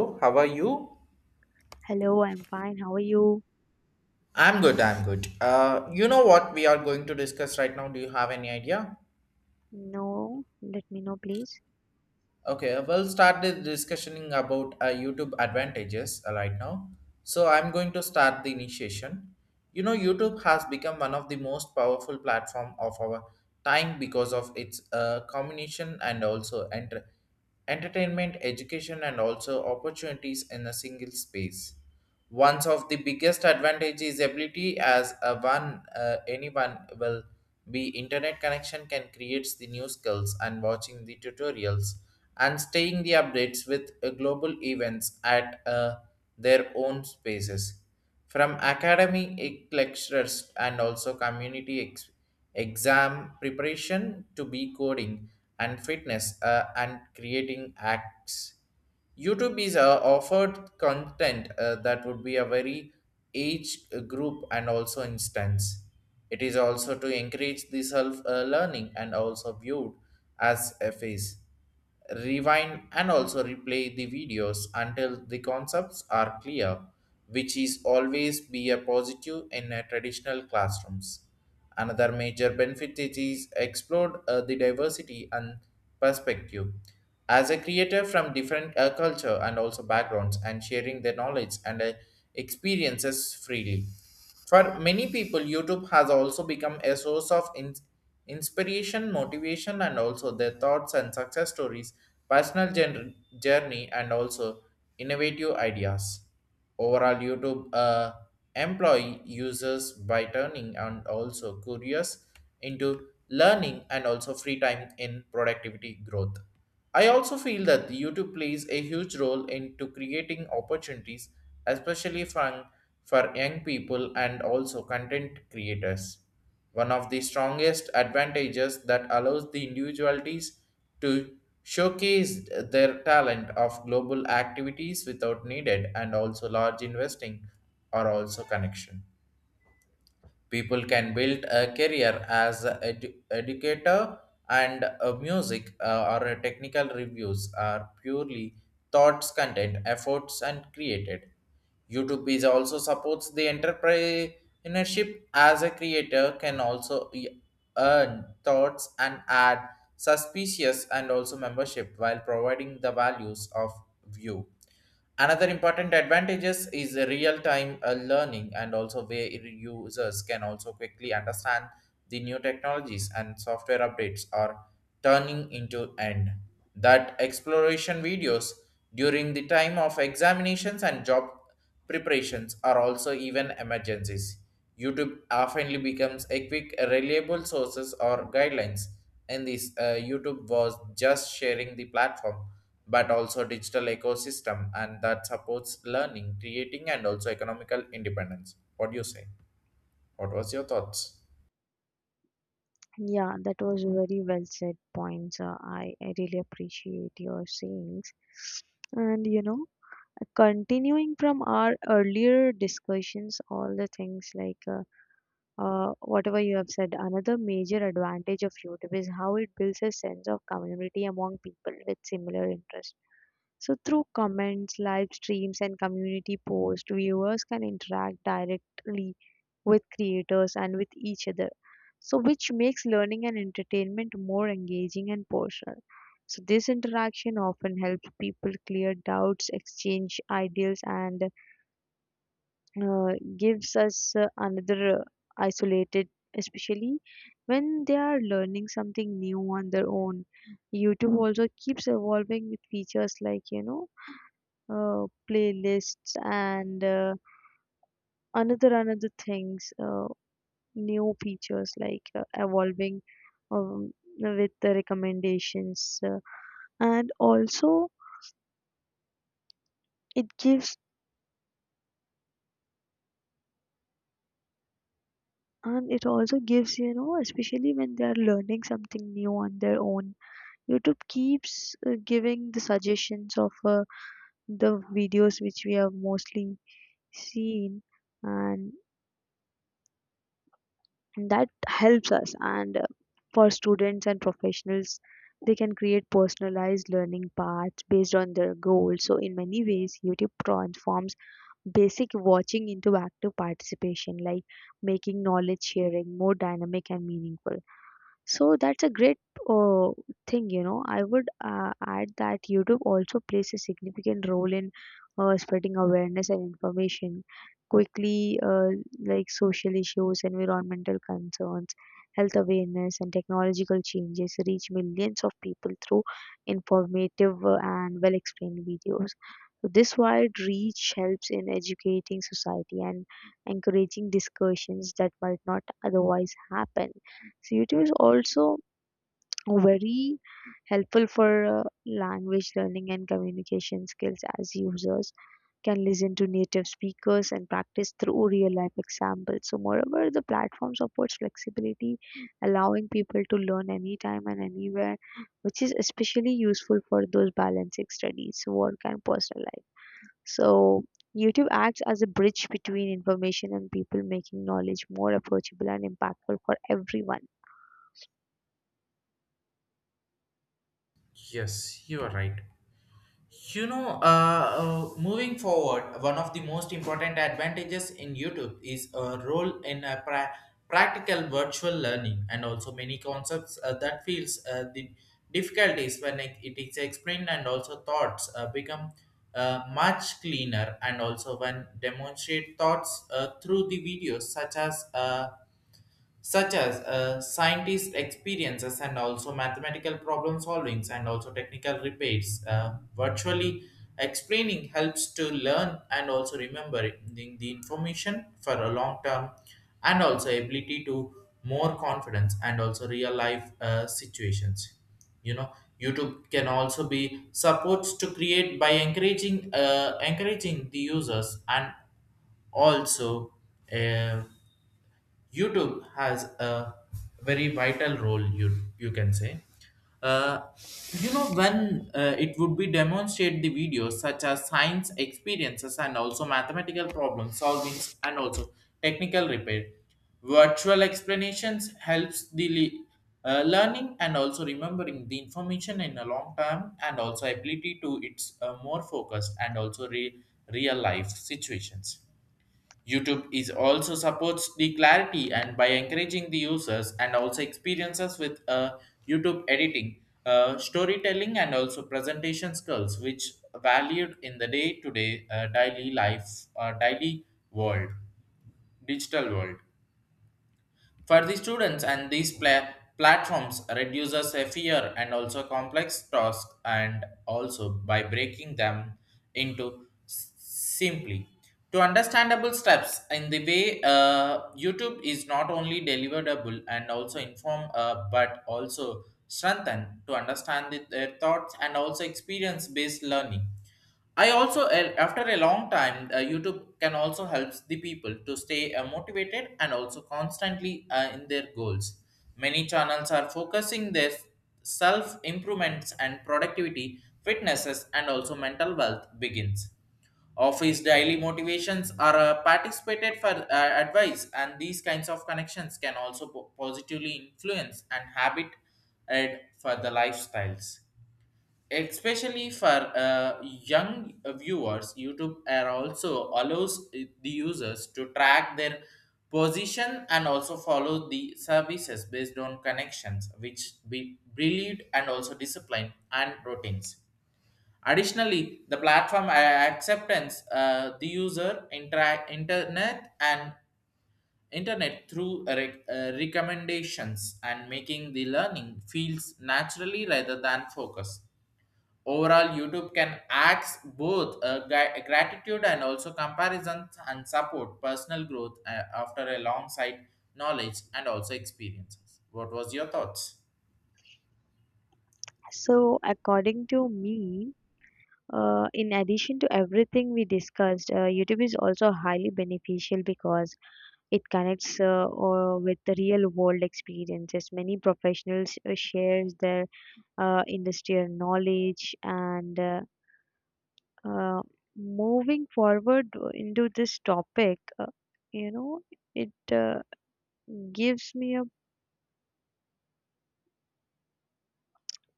Oh, how are you? Hello, I'm fine. How are you? I'm good, I'm good. You know what we are going to discuss right now? Do you have any idea? No, let me know, please. Okay, we'll start the discussion about YouTube advantages right now. So I'm going to start the initiation. You know, YouTube has become one of the most powerful platform of our time because of its combination and also entertainment, education, and also opportunities in a single space. One of the biggest advantage is ability as a one anyone will be internet connection can create the new skills and watching the tutorials and staying the updates with global events at their own spaces from academy lectures and also community exam preparation to be coding and fitness and creating acts. YouTube is offered content that would be a very age group and also instance. It is also to encourage the self learning and also viewed as a phase rewind and also replay the videos until the concepts are clear, which is always be a positive in a traditional classrooms. Another major benefit it is explored the diversity and perspective as a creator from different culture and also backgrounds and sharing their knowledge and experiences freely. For many people, YouTube has also become a source of inspiration, motivation, and also their thoughts and success stories, personal journey, and also innovative ideas. Overall, YouTube employ users by turning and also curious into learning and also free time in productivity growth. I also feel that YouTube plays a huge role into creating opportunities, especially for young people and also content creators. One of the strongest advantages that allows the individualities to showcase their talent of global activities without needed and also large investing or also connection. People can build a career as an educator and music or a technical reviews are purely thoughts, content, efforts, and created. YouTube is also supports the entrepreneurship as a creator can also earn thoughts and add suspicious and also membership while providing the values of view. Another important advantages is real-time learning and also where users can also quickly understand the new technologies and software updates are turning into end. That exploration videos during the time of examinations and job preparations are also even emergencies. YouTube often becomes a quick, reliable sources or guidelines. And this YouTube was just sharing the platform, but also digital ecosystem, and that supports learning, creating, and also economical independence. What do you say? What was your thoughts? Yeah, that was very well said points. I really appreciate your sayings. And you know, continuing from our earlier discussions, all the things like whatever you have said, another major advantage of YouTube is how it builds a sense of community among people with similar interests. So through comments, live streams, and community posts, viewers can interact directly with creators and with each other. So, which makes learning and entertainment more engaging and personal. So, this interaction often helps people clear doubts, exchange ideas, and gives us another isolated, especially when they are learning something new on their own. YouTube also keeps evolving with features like, you know, playlists and another things. New features like evolving um, with the recommendations and also it gives and it also gives, you know, especially when they are learning something new on their own, YouTube keeps giving the suggestions of the videos which we have mostly seen, and that helps us. And for students and professionals, they can create personalized learning paths based on their goals. So in many ways, YouTube transforms basic watching into active participation, like making knowledge sharing more dynamic and meaningful. So that's a great uh, thing, you know. I would add that YouTube also plays a significant role in spreading awareness and information quickly, like social issues, environmental concerns, health awareness, and technological changes reach millions of people through informative and well explained videos. So this wide reach helps in educating society and encouraging discussions that might not otherwise happen. So YouTube is also very helpful for language learning and communication skills, as users can listen to native speakers and practice through real life examples. So, moreover, the platform supports flexibility, allowing people to learn anytime and anywhere, which is especially useful for those balancing studies, work, and personal life. So, YouTube acts as a bridge between information and people, making knowledge more approachable and impactful for everyone. Yes, you are right. You know, moving forward, one of the most important advantages in YouTube is a role in a practical virtual learning and also many concepts that feels the difficulties when it is explained and also thoughts become much cleaner and also when demonstrate thoughts through the videos such as scientist experiences and also mathematical problem solvings and also technical rebates. Virtually explaining helps to learn and also remembering the information for a long term and also ability to more confidence and also real life situations. You know, YouTube can also be supports to create by encouraging the users and also uh, YouTube has a very vital role. You can say, uh, you know, when it would be demonstrate the videos such as science experiences and also mathematical problem solving and also technical repair. Virtual explanations helps the learning and also remembering the information in a long time and also ability to it's more focused and also real life situations. YouTube is also supports the clarity and by encouraging the users and also experiences with YouTube editing, storytelling, and also presentation skills, which valued in the day-to-day daily world, digital world. For the students and these platforms reduces a fear and also complex tasks and also by breaking them into simply to understandable steps in the way YouTube is not only deliverable and also inform but also strengthen to understand their thoughts and also experience based learning. I also, after a long time, YouTube can also helps the people to stay motivated and also constantly in their goals. Many channels are focusing their self improvements and productivity, fitnesses, and also mental wealth begins. Office daily motivations are participated for advice, and these kinds of connections can also positively influence and habit add for the lifestyles, especially for young viewers. YouTube are also allows the users to track their position and also follow the services based on connections which be brilliant and also discipline and routines. Additionally, the platform acceptance the user interact internet and internet through recommendations and making the learning feels naturally rather than focus. Overall, YouTube can act both gratitude and also comparison and support personal growth after a long sight knowledge and also experiences. What was your thoughts? So, according to me, in addition to everything we discussed, YouTube is also highly beneficial because it connects or with the real world experiences. Many professionals shares their industrial knowledge and, uh, moving forward into this topic, you know, it gives me a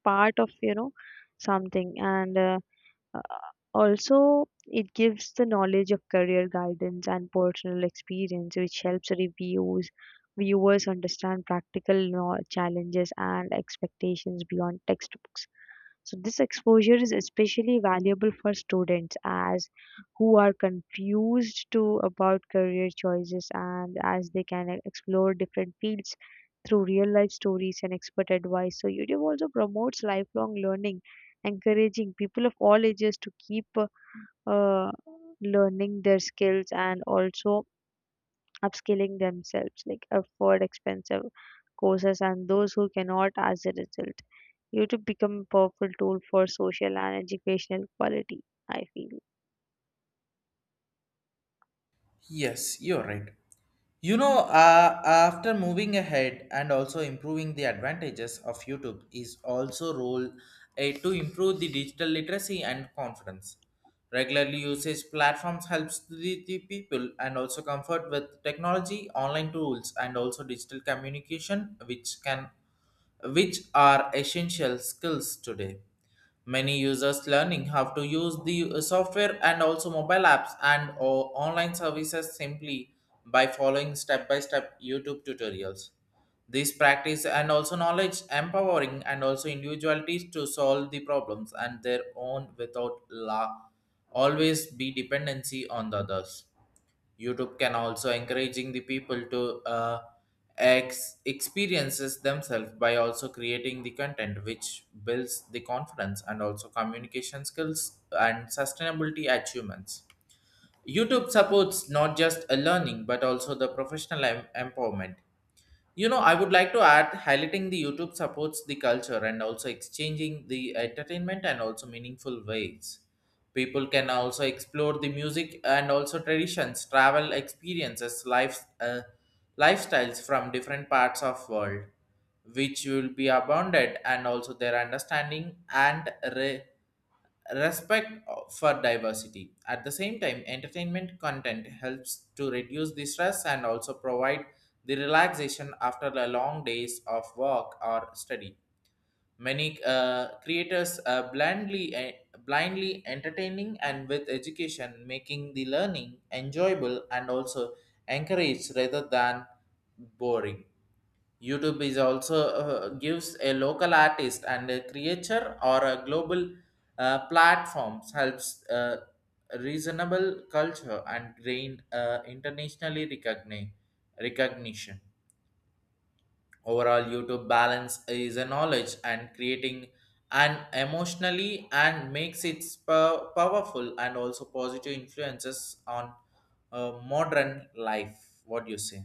part of, you know, something and. Uh, Also, it gives the knowledge of career guidance and personal experience, which helps reviews, viewers understand practical know- challenges and expectations beyond textbooks. So this exposure is especially valuable for students as who are confused to about career choices, and as they can e- explore different fields through real life stories and expert advice. So YouTube also promotes lifelong learning, encouraging people of all ages to keep uh, learning their skills and also upskilling themselves, like afford expensive courses, and those who cannot as a result. YouTube become a powerful tool for social and educational quality, I feel. Yes, you're right. You know, after moving ahead and also improving the advantages of YouTube is also role to improve the digital literacy and confidence. Regularly usage platforms helps the people and also comfort with technology, online tools, and also digital communication, which are essential skills today. Many users learning how to use the software and also mobile apps and or online services simply by following step by step YouTube tutorials. This practice and also knowledge empowering and also individualities to solve the problems and their own without la always be dependency on the others. YouTube can also encouraging the people to experiences themselves by also creating the content which builds the confidence and also communication skills and sustainability achievements. YouTube supports not just a learning but also the professional empowerment. You know, I would like to add highlighting the YouTube supports the culture and also exchanging the entertainment and also meaningful ways. People can also explore the music and also traditions, travel experiences, life, lifestyles from different parts of world, which will be abounded and also their understanding and respect for diversity. At the same time, entertainment content helps to reduce the stress and also provide the relaxation after the long days of work or study. Many creators blindly entertaining and with education, making the learning enjoyable and also encouraged rather than boring. YouTube is also gives a local artist and a creator or a global platforms helps reasonable culture and gain internationally recognition. Overall, YouTube balance is a knowledge and creating and emotionally and makes it powerful and also positive influences on modern life. What do you say?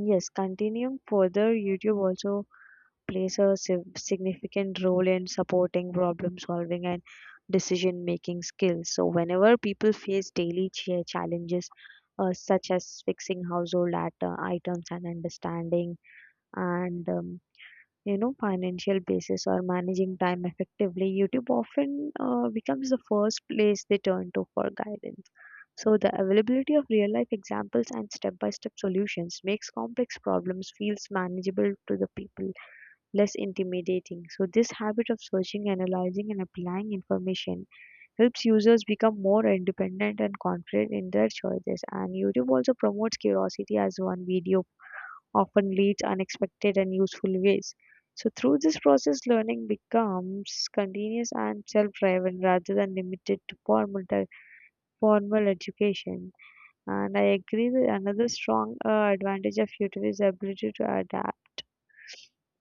Yes, continuing further, YouTube also plays a sig- significant role in supporting problem solving and decision making skills. So, whenever people face daily cha- challenges such as fixing household at- items and understanding and you know, financial basis or managing time effectively, YouTube often becomes the first place they turn to for guidance. So, the availability of real life examples and step by step solutions makes complex problems feels manageable to the people, less intimidating. So this habit of searching, analyzing and applying information helps users become more independent and confident in their choices. And YouTube also promotes curiosity as one video often leads unexpected and useful ways. So through this process, learning becomes continuous and self-driven rather than limited to formal education. And I agree that another strong advantage of YouTube is ability to adapt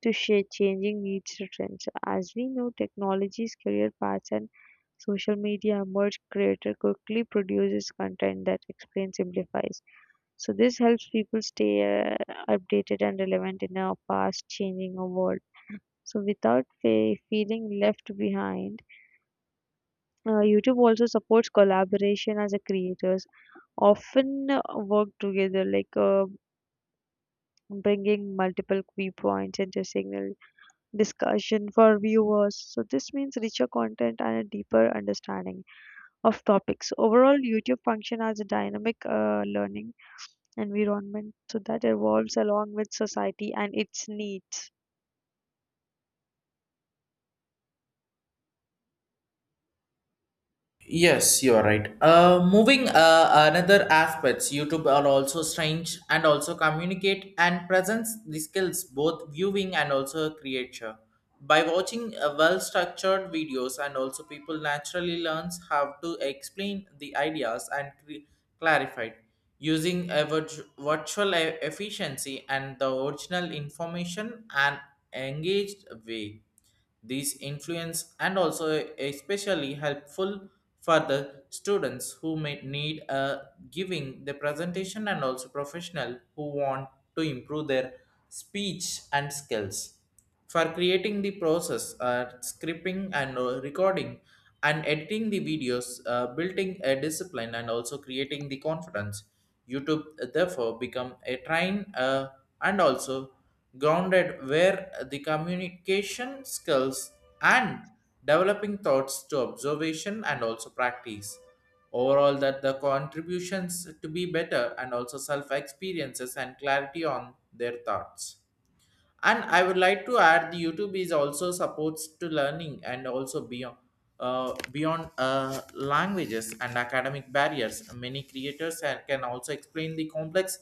to shape changing needs or trends. As we know, technologies, career paths, and social media emerge, creator quickly produces content that explains, simplifies. So this helps people stay updated and relevant in a fast-changing world, so without fe- feeling left behind. YouTube also supports collaboration, as a creators often work together, like bringing multiple viewpoints into signal discussion for viewers. So this means richer content and a deeper understanding of topics. Overall, YouTube function as a dynamic learning environment so that evolves along with society and its needs. Yes, you are right. Moving another aspects, YouTube are also strange and also communicate and presents the skills both viewing and also creature. By watching well-structured videos and also people naturally learns how to explain the ideas and clarify it using a virtual efficiency and the original information and engaged way. These influence and also especially helpful for the students who may need a giving the presentation and also professional who want to improve their speech and skills for creating the process, scripting and recording and editing the videos, building a discipline and also creating the confidence. YouTube therefore become a train and also grounded where the communication skills and developing thoughts to observation and also practice. Overall, that the contributions to be better and also self experiences and clarity on their thoughts. And I would like to add the YouTube is also supports to learning and also beyond languages and academic barriers. Many creators and can also explain the complex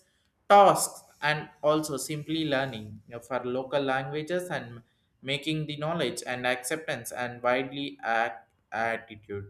tasks and also simply learning, you know, for local languages and making the knowledge and acceptance and widely at attitude.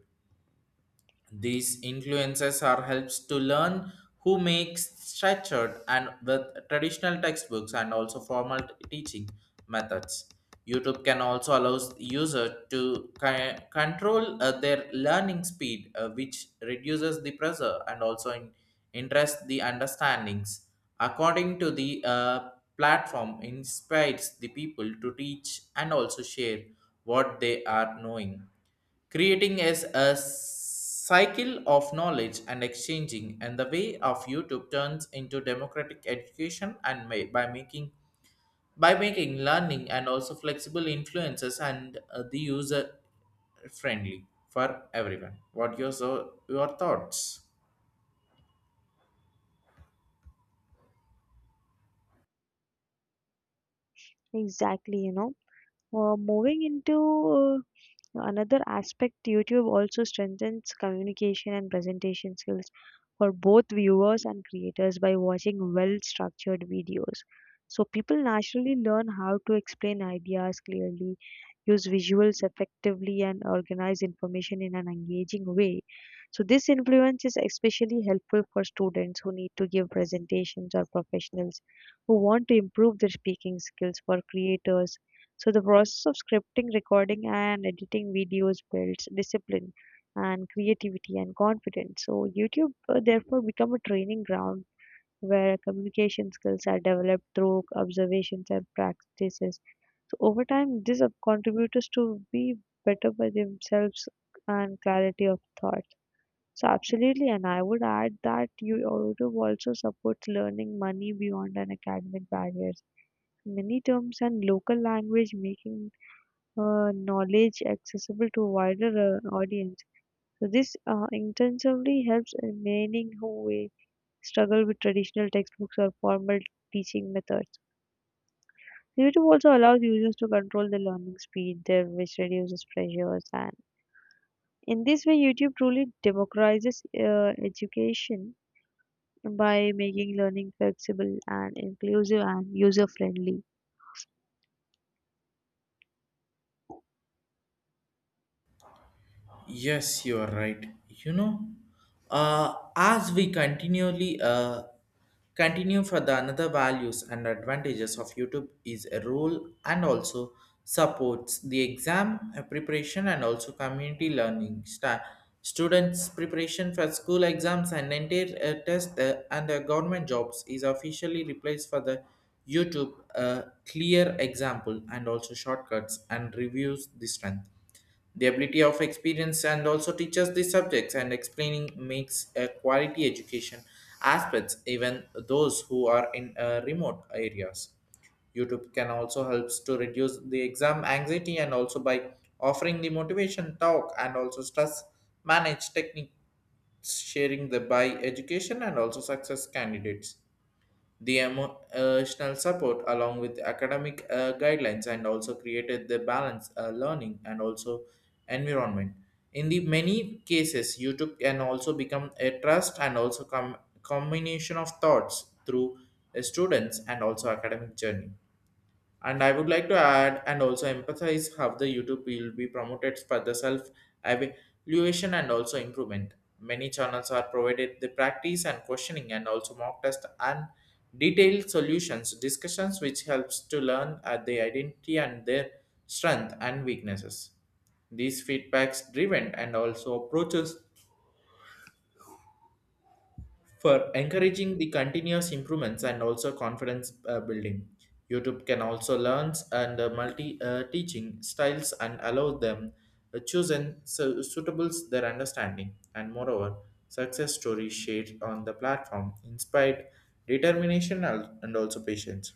These influences are helps to learn who makes structured and with traditional textbooks and also formal teaching methods. YouTube can also allow user to control their learning speed, which reduces the pressure and also interest the understandings. According to the platform, inspires the people to teach and also share what they are knowing, creating as a cycle of knowledge and exchanging. And the way of YouTube turns into democratic education and may, by making learning and also flexible influences and the user friendly for everyone. What your so your thoughts? Exactly, you know. Moving into another aspect, YouTube also strengthens communication and presentation skills for both viewers and creators by watching well structured videos. So, people naturally learn how to explain ideas clearly, use visuals effectively, and organize information in an engaging way. So, this influence is especially helpful for students who need to give presentations or professionals who want to improve their speaking skills. For creators, so the process of scripting, recording, and editing videos builds discipline and creativity and confidence. So YouTube therefore become a training ground where communication skills are developed through observations and practices. So over time, this contributors to be better by themselves and clarity of thought. So absolutely, and I would add that YouTube also supports learning money beyond an academic barriers. Many terms and local language, making knowledge accessible to wider audience. So this intensively helps in many who struggle with traditional textbooks or formal teaching methods. YouTube also allows users to control the learning speed there, which reduces pressures. And in this way, YouTube truly democratizes education by making learning flexible and inclusive and user friendly. Yes, you are right. You know, as we continually continue for the another values and advantages of YouTube is a role and also supports the exam preparation and also community learning. Students' preparation for school exams and entire test and government jobs is officially replaced for the YouTube clear example and also shortcuts and reviews the strength the ability of experience and also teaches the subjects and explaining makes a quality education aspects even those who are in remote areas. YouTube can also helps to reduce the exam anxiety and also by offering the motivation talk and also stress manage techniques sharing the by education and also success candidates the emotional support along with academic guidelines and also created the balance learning and also environment in the many cases YouTube can also become a trust and also combination of thoughts through students and also academic journey. And I would like to add and also emphasize how the YouTube will be promoted for the self evaluation and also improvement. Many channels are provided the practice and questioning and also mock test and detailed solutions discussions which helps to learn at the identity and their strength and weaknesses. These feedbacks driven and also approaches for encouraging the continuous improvements and also confidence building, YouTube can also learn and multi teaching styles and allow them chosen suitables their understanding. And moreover, success stories shared on the platform inspired determination and also patience.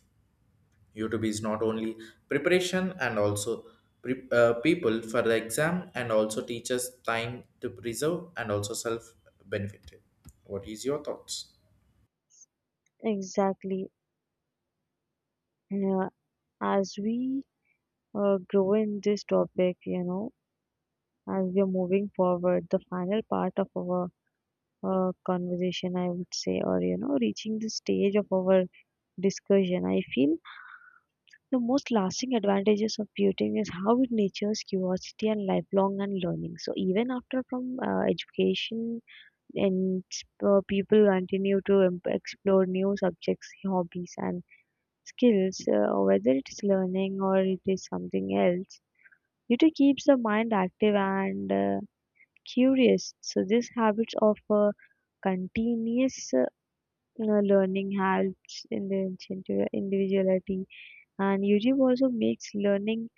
YouTube is not only preparation and also people for the exam and also teaches time to preserve and also self benefit. What is your thoughts? Exactly. Yeah, as we grow in this topic, you know, as we are moving forward, the final part of our conversation, I would say, or you know, reaching the stage of our discussion, I feel the most lasting advantages of beauty is how it nurtures curiosity and lifelong and learning. So even after from education, and people continue to em- explore new subjects, hobbies, and skills, whether it's learning or it is something else. Beauty keeps the mind active and curious. So this habit of continuous learning helps in the individu- individuality, and YouTube also makes learning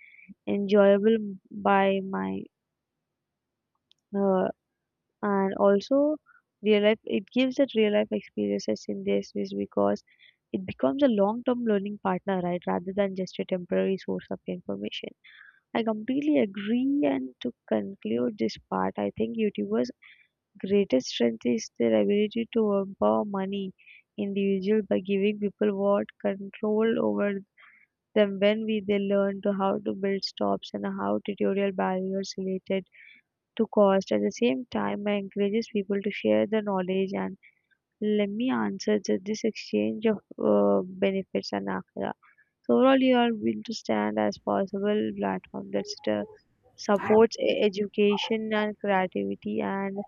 enjoyable by my uh, and also real life. It gives that real life experiences in this is because it becomes a long term learning partner, right, rather than just a temporary source of information. I completely agree. And to conclude this part, I think YouTubers greatest strength is their ability to empower many individuals by giving people what control over them when we they learn to how to build stops and how tutorial barriers related to cost. At the same time, I encourages people to share the knowledge, and let me answer that this exchange of benefits and akhira. So overall, you are built to stand as possible platform that supports e- education and creativity and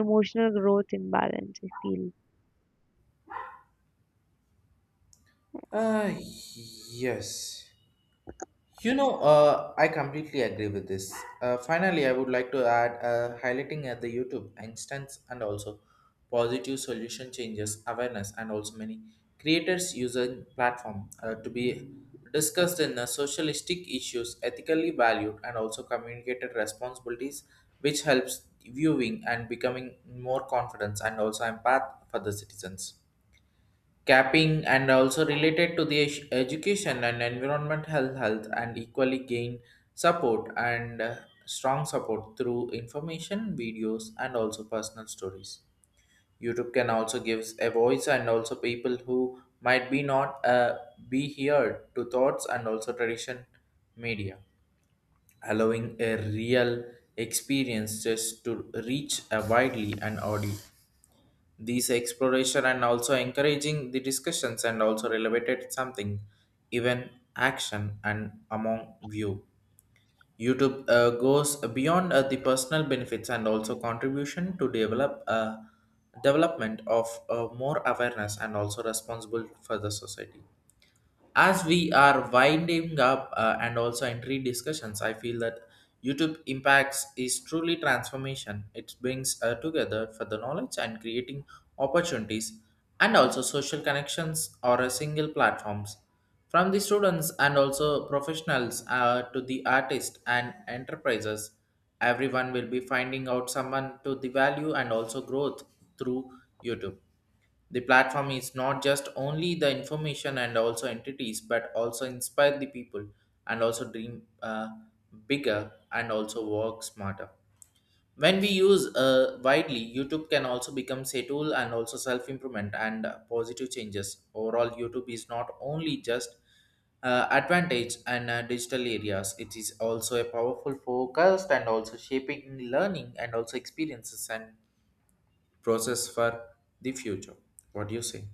emotional growth imbalance, I feel. Uh, yes. I completely agree with this. Finally, I would like to add highlighting at the YouTube instance and also positive solution changes awareness and also many creators using platform to be discussed in socialistic issues ethically valued and also communicated responsibilities which helps viewing and becoming more confidence and also empath for the citizens capping and also related to the education and environment health health and equally gain support and strong support through information videos and also personal stories. YouTube can also gives a voice and also people who might be not be heard to thoughts and also tradition media allowing a real experience just to reach a widely and audience. These exploration and also encouraging the discussions and also elevated something even action and among view YouTube goes beyond the personal benefits and also contribution to develop a development of more awareness and also responsible for the society. As we are winding up and also entry discussions, I feel that YouTube impacts is truly transformation. It brings together for the knowledge and creating opportunities and also social connections or a single platforms from the students and also professionals to the artists and enterprises. Everyone will be finding out someone to the value and also growth through YouTube. The platform is not just only the information and also entities, but also inspire the people and also dream bigger and also work smarter. When we use widely, YouTube can also become a tool and also self improvement and positive changes. Overall, YouTube is not only just advantage and digital areas, it is also a powerful focused and also shaping learning and also experiences and process for the future. What do you say?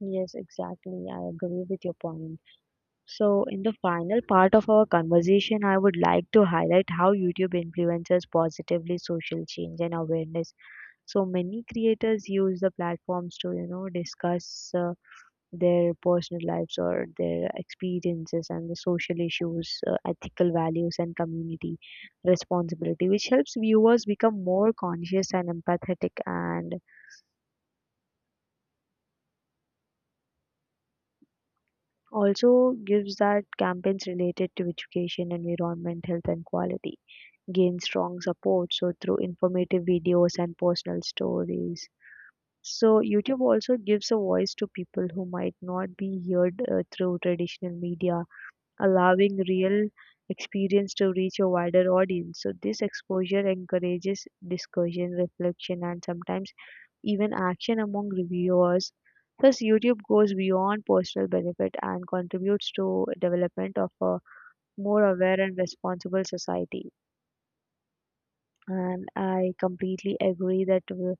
Yes, exactly. I agree with your point. So, in the final part of our conversation, I would like to highlight how YouTube influences positively social change and awareness. So, many creators use the platforms to, you know, discuss their personal lives or their experiences and the social issues, ethical values, and community responsibility, which helps viewers become more conscious and empathetic, and also gives that campaigns related to education, environment, health and quality gain strong support so through informative videos and personal stories. So YouTube also gives a voice to people who might not be heard through traditional media, allowing real experience to reach a wider audience. So this exposure encourages discussion, reflection and sometimes even action among reviewers. Thus, YouTube goes beyond personal benefit and contributes to development of a more aware and responsible society. And I completely agree that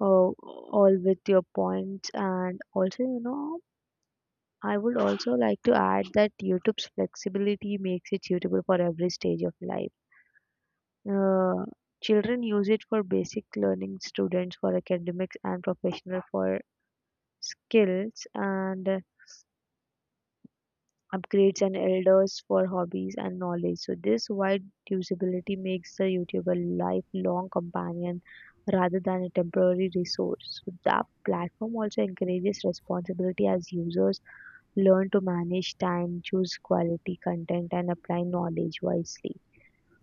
uh, all with your points. And also, you know, I would also like to add that YouTube's flexibility makes it suitable for every stage of life. Uh, Children use it for basic learning, students for academics, and professional for skills, and upgrades and elders for hobbies and knowledge. So this wide usability makes the YouTube a lifelong companion rather than a temporary resource. So the platform also encourages responsibility as users learn to manage time, choose quality content and apply knowledge wisely.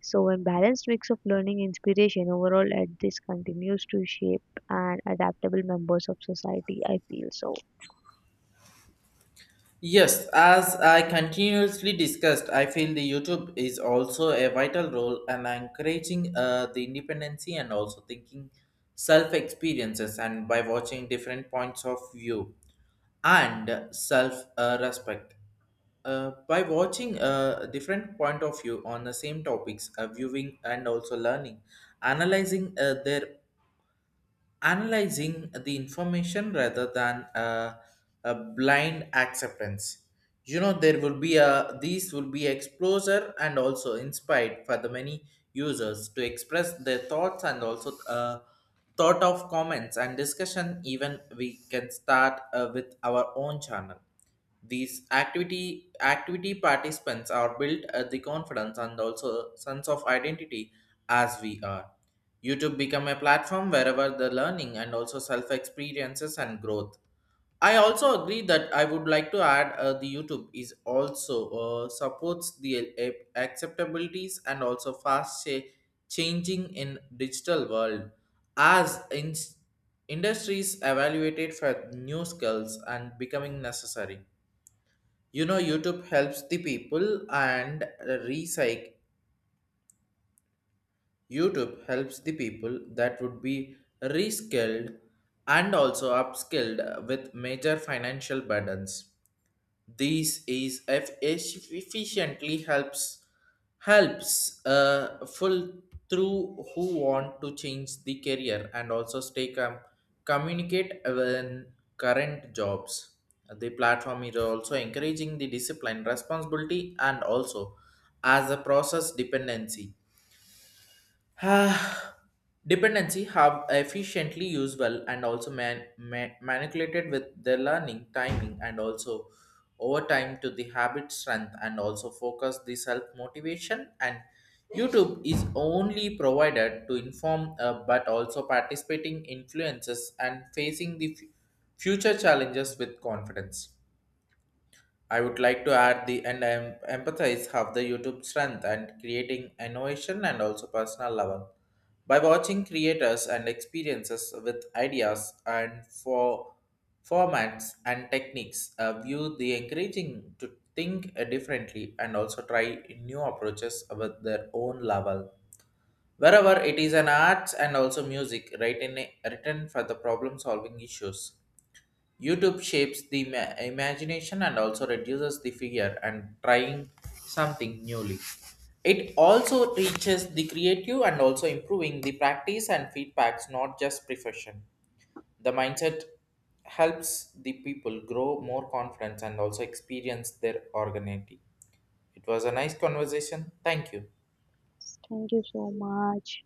So when balanced mix of learning inspiration overall at this continues to shape and adaptable members of society, I feel so. Yes, as I continuously discussed, I feel the YouTube is also a vital role and encouraging the independency and also thinking self experiences and by watching different points of view and self respect. By watching a different point of view on the same topics, viewing and also learning, analyzing their analyzing the information rather than a blind acceptance. You know, there will be a these will be exposure and also inspired for the many users to express their thoughts and also thought of comments and discussion. Even we can start with our own channel. These activity participants are built at the confidence and also sense of identity as we are. YouTube become a platform wherever the learning and also self experiences and growth. I also agree that I would like to add the YouTube is also supports the acceptabilities and also fast changing in digital world as industries evaluated for new skills and becoming necessary. You know, YouTube helps the people and recycle. YouTube helps the people that would be reskilled and also upskilled with major financial burdens. This is efficiently helps full through who want to change the career and also stay communicate when current jobs. The platform is also encouraging the discipline, responsibility, and also as a process dependency. Ah, dependency, have efficiently used well and also manipulated with the learning, timing, and also over time to the habit strength and also focus the self motivation. And YouTube is only provided to inform, but also participating influences and facing the future challenges with confidence. I would like to add the and empathize have the YouTube strength and creating innovation and also personal level. By watching creators and experiences with ideas and for formats and techniques, view the encouraging to think differently and also try new approaches with their own level. Wherever it is an arts and also music written, written for the problem solving issues YouTube shapes the imagination and also reduces the fear and trying something newly. It also reaches the creative and also improving the practice and feedbacks, not just profession. The mindset helps the people grow more confidence and also experience their organity. It was a nice conversation. Thank you. Thank you so much.